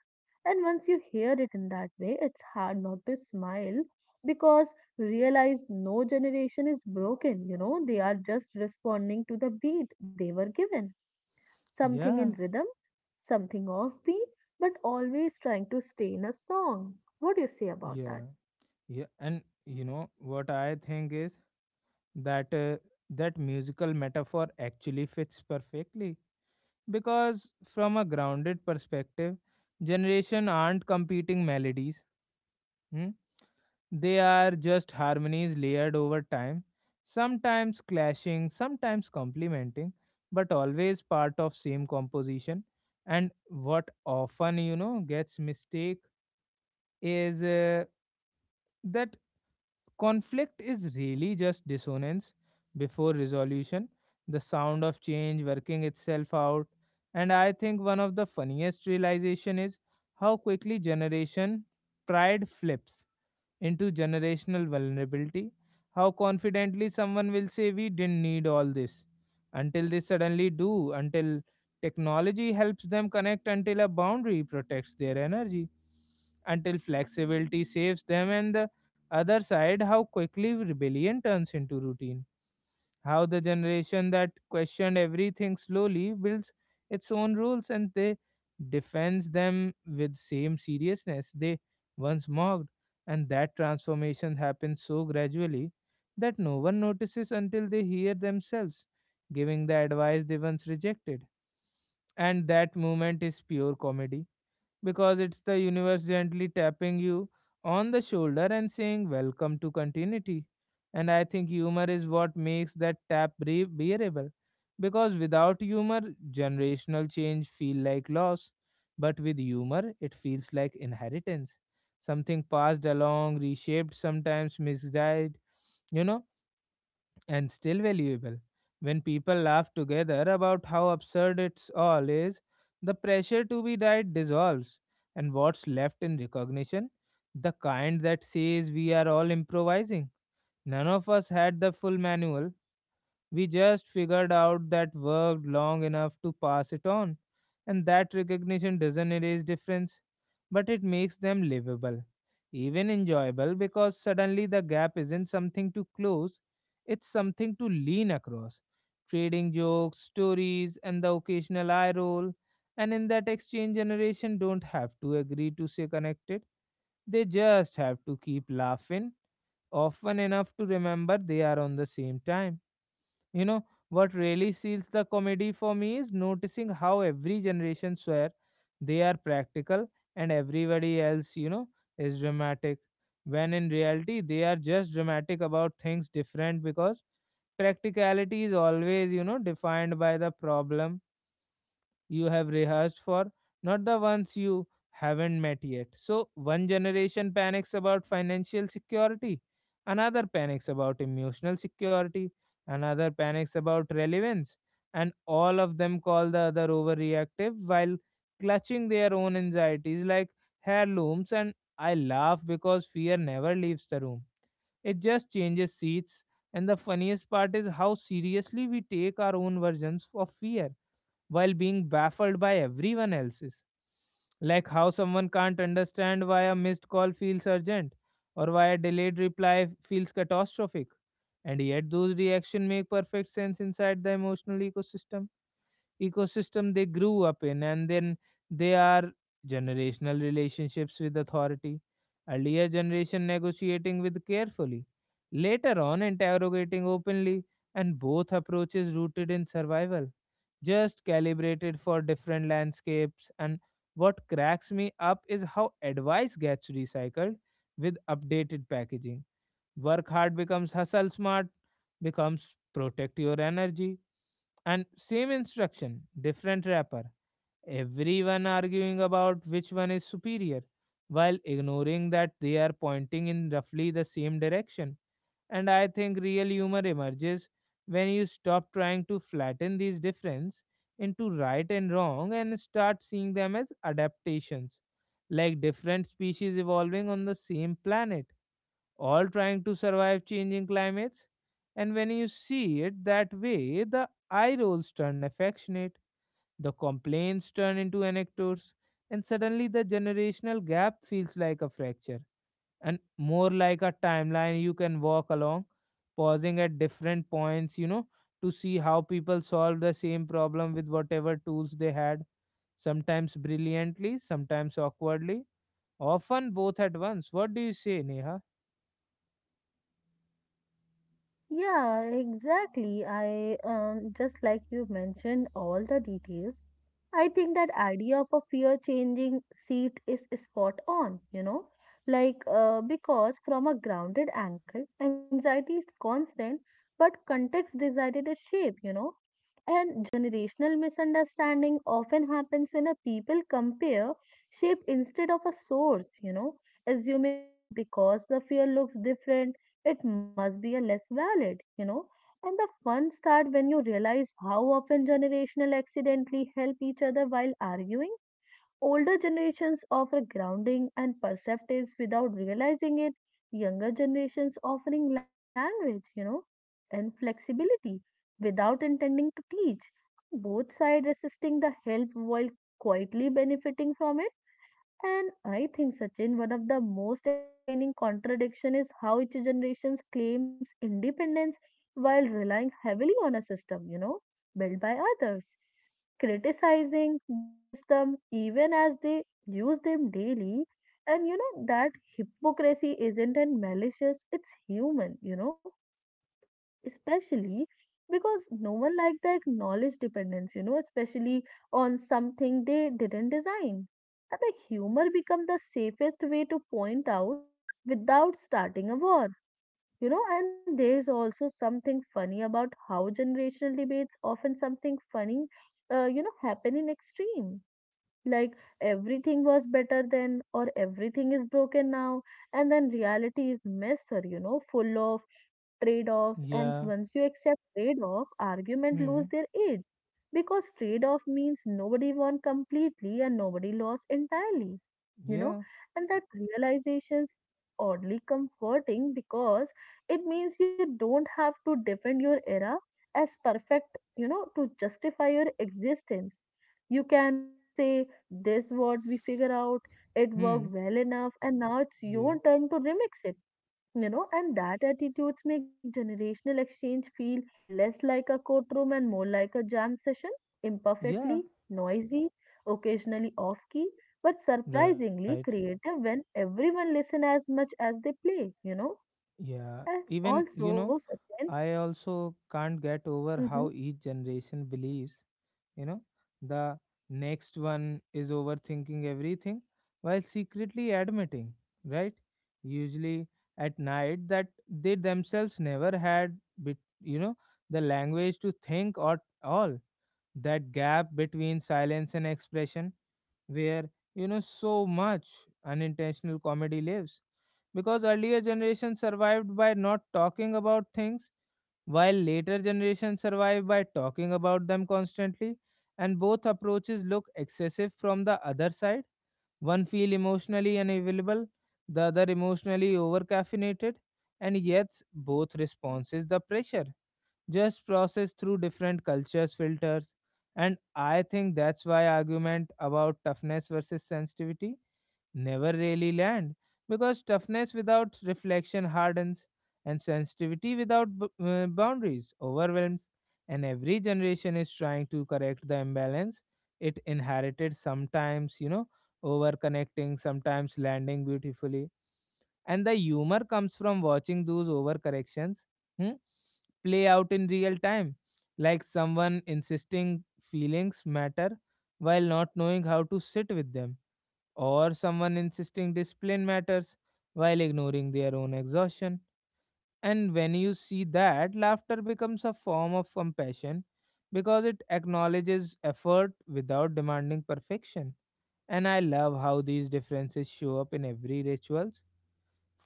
Speaker 2: And once you hear it in that way, it's hard not to smile because realize no generation is broken, they are just responding to the beat they were given, something in
Speaker 1: yeah,
Speaker 2: rhythm, something offbeat, but always trying to stay in a song. What do you say about that?
Speaker 1: yeah, yeah. And you know what I think is that uh, that musical metaphor actually fits perfectly because from a grounded perspective, generation aren't competing melodies. Hmm. They are just harmonies layered over time, sometimes clashing, sometimes complementing, but always part of same composition. And what often, you know, gets mistake is that conflict is really just dissonance before resolution, the sound of change working itself out. And I think one of the funniest realization is how quickly generation pride flips into generational vulnerability. How confidently someone will say, "We didn't need all this," until they suddenly do, until technology helps them connect, until a boundary protects their energy, until flexibility saves them, and the other side, how quickly rebellion turns into routine, how the generation that questioned everything slowly builds its own rules and they defends them with same seriousness they once mocked. And that transformation happens so gradually that no one notices until they hear themselves giving the advice they once rejected, and that moment is pure comedy because it's the universe gently tapping you on the shoulder and saying, "Welcome to continuity." And I think humor is what makes that tap bearable because without humor, generational change feel like loss, but with humor, it feels like inheritance. Something passed along, reshaped, sometimes misguided, you know, and still valuable. When people laugh together about how absurd it's all is, the pressure to be right dissolves, and what's left in recognition? The kind that says we are all improvising. None of us had the full manual, we just figured out that worked long enough to pass it on, and that recognition doesn't erase difference, but it makes them livable, even enjoyable, because suddenly the gap isn't something to close, it's something to lean across. Trading jokes, stories, and the occasional eye roll, and in that exchange, generation don't have to agree to stay connected. They just have to keep laughing, often enough to remember they are on the same time. You know, what really seals the comedy for me is noticing how every generation swear they are practical and everybody else, you know, is dramatic. When in reality, they are just dramatic about things different because practicality is always, you know, defined by the problem you have rehearsed for, not the ones you haven't met yet. So, one generation panics about financial security, another panics about emotional security, another panics about relevance, and all of them call the other overreactive while clutching their own anxieties like heirlooms. And I laugh because fear never leaves the room, it just changes seats. And the funniest part is how seriously we take our own versions of fear while being baffled by everyone else's. Like how someone can't understand why a missed call feels urgent or why a delayed reply feels catastrophic. And yet, those reactions make perfect sense inside the emotional ecosystem they grew up in. And then they are generational relationships with authority, earlier generation negotiating with carefully, later on interrogating openly, and both approaches rooted in survival, just calibrated for different landscapes. And what cracks me up is how advice gets recycled with updated packaging. Work hard becomes hustle smart, becomes protect your energy. And same instruction, different wrapper. Everyone arguing about which one is superior, while ignoring that they are pointing in roughly the same direction. And I think real humor emerges when you stop trying to flatten these differences into right and wrong and start seeing them as adaptations, like different species evolving on the same planet all trying to survive changing climates. And when you see it that way, the eye rolls turn affectionate, the complaints turn into anecdotes, and suddenly the generational gap feels like a fracture and more like a timeline you can walk along, pausing at different points, you know, to see how people solve the same problem with whatever tools they had, sometimes brilliantly, sometimes awkwardly, often both at once. What do you say, Neha?
Speaker 2: Yeah, exactly. I just like you mentioned all the details. I think that idea of a fear changing seat is spot on, like because from a grounded angle, anxiety is constant, but context decided its shape, And generational misunderstanding often happens when a people compare shape instead of a source, assuming that because the fear looks different it must be a less valid, And the fun start when you realize how often generational accidentally help each other while arguing. Older generations offer grounding and perceptives without realizing it. Younger generations offering language, and flexibility without intending to teach. Both sides resisting the help while quietly benefiting from it. And I think, Sachin, one of the most entertaining contradiction is how each generation claims independence while relying heavily on a system, built by others, criticizing the system even as they use them daily. And that hypocrisy isn't in malicious, it's human, especially because no one liked the acknowledged dependence, especially on something they didn't design. And the humor become the safest way to point out without starting a war, And there's also something funny about how generational debates often something funny, happen in extreme, like everything was better then or everything is broken now. And then reality is messy, full of trade-offs. And
Speaker 1: Yeah.
Speaker 2: once you accept trade-off, argument lose their edge, because trade off means nobody won completely and nobody lost entirely, you know
Speaker 1: Yeah.
Speaker 2: and that realizations is oddly comforting because it means you don't have to defend your era as perfect, to justify your existence. You can say this what we figure out, it worked
Speaker 1: Hmm.
Speaker 2: well enough and now it's
Speaker 1: Yeah.
Speaker 2: your turn to remix it, and that attitudes make generational exchange feel less like a courtroom and more like a jam session,
Speaker 1: Yeah.
Speaker 2: imperfectly noisy, occasionally off key, but
Speaker 1: Right.
Speaker 2: surprisingly creative when everyone listen as much as they play,
Speaker 1: Yeah.
Speaker 2: and
Speaker 1: Even, you know,
Speaker 2: also, Sachin,
Speaker 1: I also can't get over
Speaker 2: mm-hmm.
Speaker 1: how each generation believes, you know, the next one is overthinking everything while secretly admitting, right? Usually at night that they themselves never had, bit, you know, the language to think or all. That gap between silence and expression where you know so much unintentional comedy lives because earlier generations survived by not talking about things while later generations survive by talking about them constantly, and both approaches look excessive from the other side, one feel emotionally unavailable, the other emotionally over caffeinated, and yet both responses the pressure just processed through different cultures filters. And I think that's why argument about toughness versus sensitivity never really land, because toughness without reflection hardens and sensitivity without boundaries overwhelms, and every generation is trying to correct the imbalance it inherited, sometimes, you know, over connecting, sometimes landing beautifully. And the humor comes from watching those overcorrections, hmm, play out in real time, like someone insisting feelings matter while not knowing how to sit with them, or someone insisting discipline matters while ignoring their own exhaustion. And when you see that, laughter becomes a form of compassion because it acknowledges effort without demanding perfection. And I love how these differences show up in every rituals.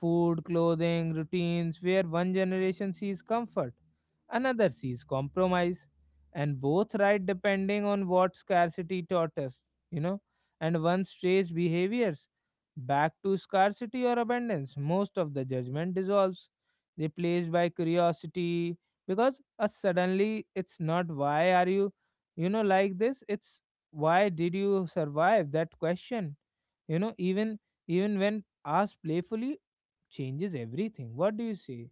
Speaker 1: Food, clothing, routines, where one generation sees comfort, another sees compromise, and both right depending on what scarcity taught us, you know, and one strays behaviors back to scarcity or abundance. Most of the judgment dissolves, replaced by curiosity, because suddenly it's not why are you, you know, like this, it's why did you survive that question, you know, even even when asked playfully changes everything. What do you say?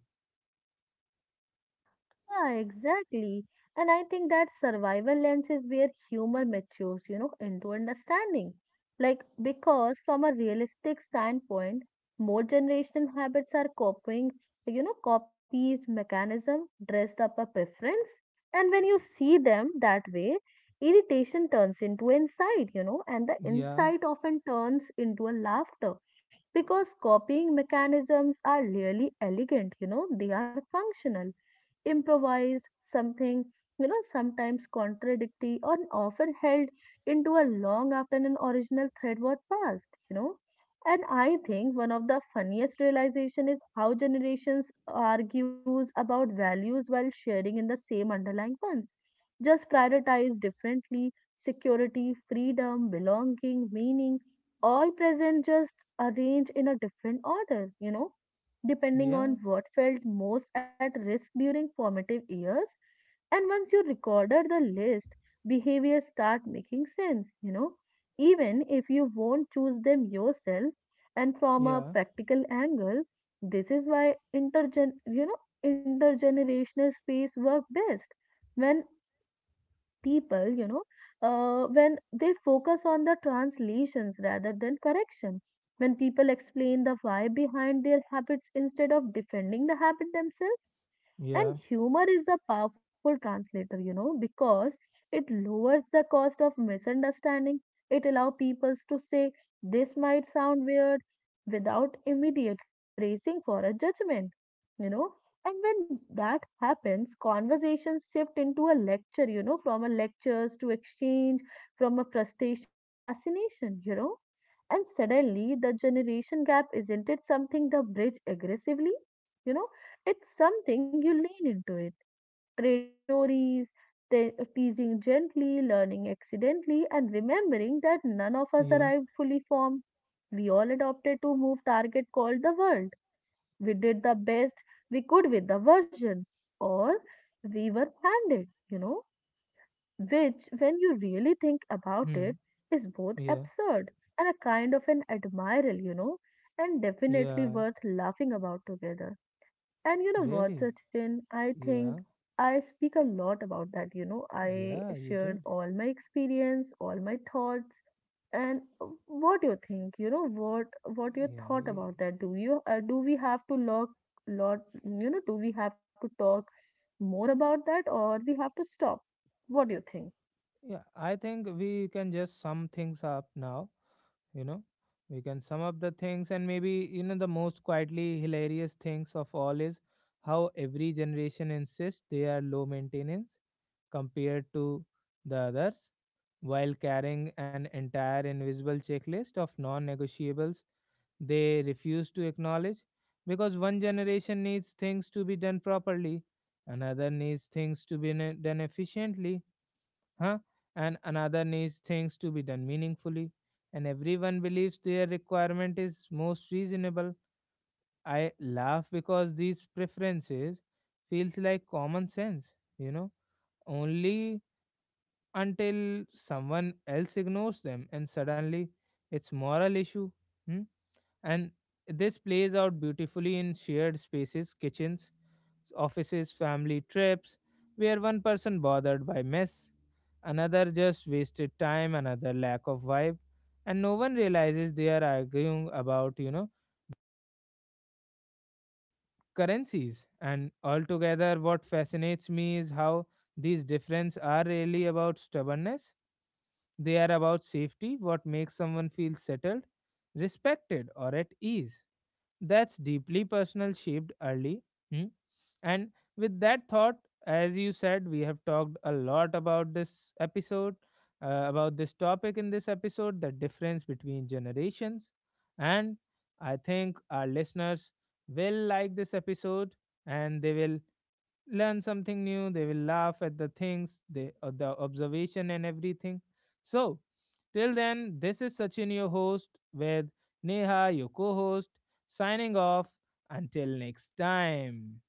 Speaker 2: Yeah, exactly. And I think that survival lens is where humor matures, into understanding. Like, because from a realistic standpoint, more generational habits are copying, copies, mechanism, dressed up a preference. And when you see them that way, irritation turns into insight, and the
Speaker 1: Yeah,
Speaker 2: insight often turns into a laughter. Because copying mechanisms are really elegant, they are functional improvised, something, sometimes contradictory or often held into a long after an original thread was passed, And I think one of the funniest realization is how generations argues about values while sharing in the same underlying ones, just prioritize differently: security, freedom, belonging, meaning, all present, just arranged in a different order, depending
Speaker 1: yeah,
Speaker 2: on what felt most at risk during formative years. And once you recorded the list, behaviors start making sense, even if you won't choose them yourself. And from a
Speaker 1: yeah,
Speaker 2: practical angle, this is why intergenerational space work best when people, when they focus on the translations rather than correction. When people explain the why behind their habits instead of defending the habit themselves, and
Speaker 1: yeah,
Speaker 2: humor is the powerful translator, because it lowers the cost of misunderstanding. It allows people to say, this might sound weird, without immediately bracing for a judgment, you know. And when that happens, conversations shift into a lecture, from a lectures to exchange, from a frustration to fascination, And suddenly, the generation gap isn't it something the bridge aggressively? You know, it's something you lean into it, reading stories, teasing gently, learning accidentally, and remembering that none of us
Speaker 1: yeah,
Speaker 2: arrived fully formed. We all adopted to move target called the world. We did the best we could with the version, or we were handed, which, when you really think about it,
Speaker 1: hmm,
Speaker 2: is both
Speaker 1: yeah,
Speaker 2: absurd and a kind of an admiral, and definitely
Speaker 1: yeah,
Speaker 2: worth laughing about together. And you know what,
Speaker 1: really?
Speaker 2: Sachin? I think
Speaker 1: Yeah,
Speaker 2: I speak a lot about that. You know, I
Speaker 1: yeah, you
Speaker 2: shared
Speaker 1: did.
Speaker 2: all my experience, all my thoughts, and what do you think? You know, what you
Speaker 1: Yeah,
Speaker 2: thought
Speaker 1: yeah.
Speaker 2: about that? Do you do we have to lock lot? You know, do we have to talk more about that, or we have to stop? What do you think?
Speaker 1: Yeah, I think we can just sum things up now. You know, we can sum up the things, and maybe you know the most quietly hilarious things of all is how every generation insists they are low maintenance compared to the others while carrying an entire invisible checklist of non-negotiables they refuse to acknowledge, because one generation needs things to be done properly, another needs things to be done efficiently, huh? And another needs things to be done meaningfully, and everyone believes their requirement is most reasonable. I laugh because these preferences feels like common sense, you know, only until someone else ignores them and suddenly it's moral issue. Hmm? And this plays out beautifully in shared spaces, kitchens, offices, family trips, where one person bothered by mess, another just wasted time, another lack of vibe, and no one realizes they are arguing about, you know, currencies. And altogether, what fascinates me is how these differences are really about stubbornness. They are about safety, what makes someone feel settled, respected, or at ease. That's deeply personal, shaped early. Hmm? And with that thought, as you said, we have talked a lot about this episode, about this topic in this episode, the difference between generations. And I think our listeners will like this episode and they will learn something new, they will laugh at the things they the observation and everything. So till then, this is Sachin your host with Neha your co-host, signing off until next time.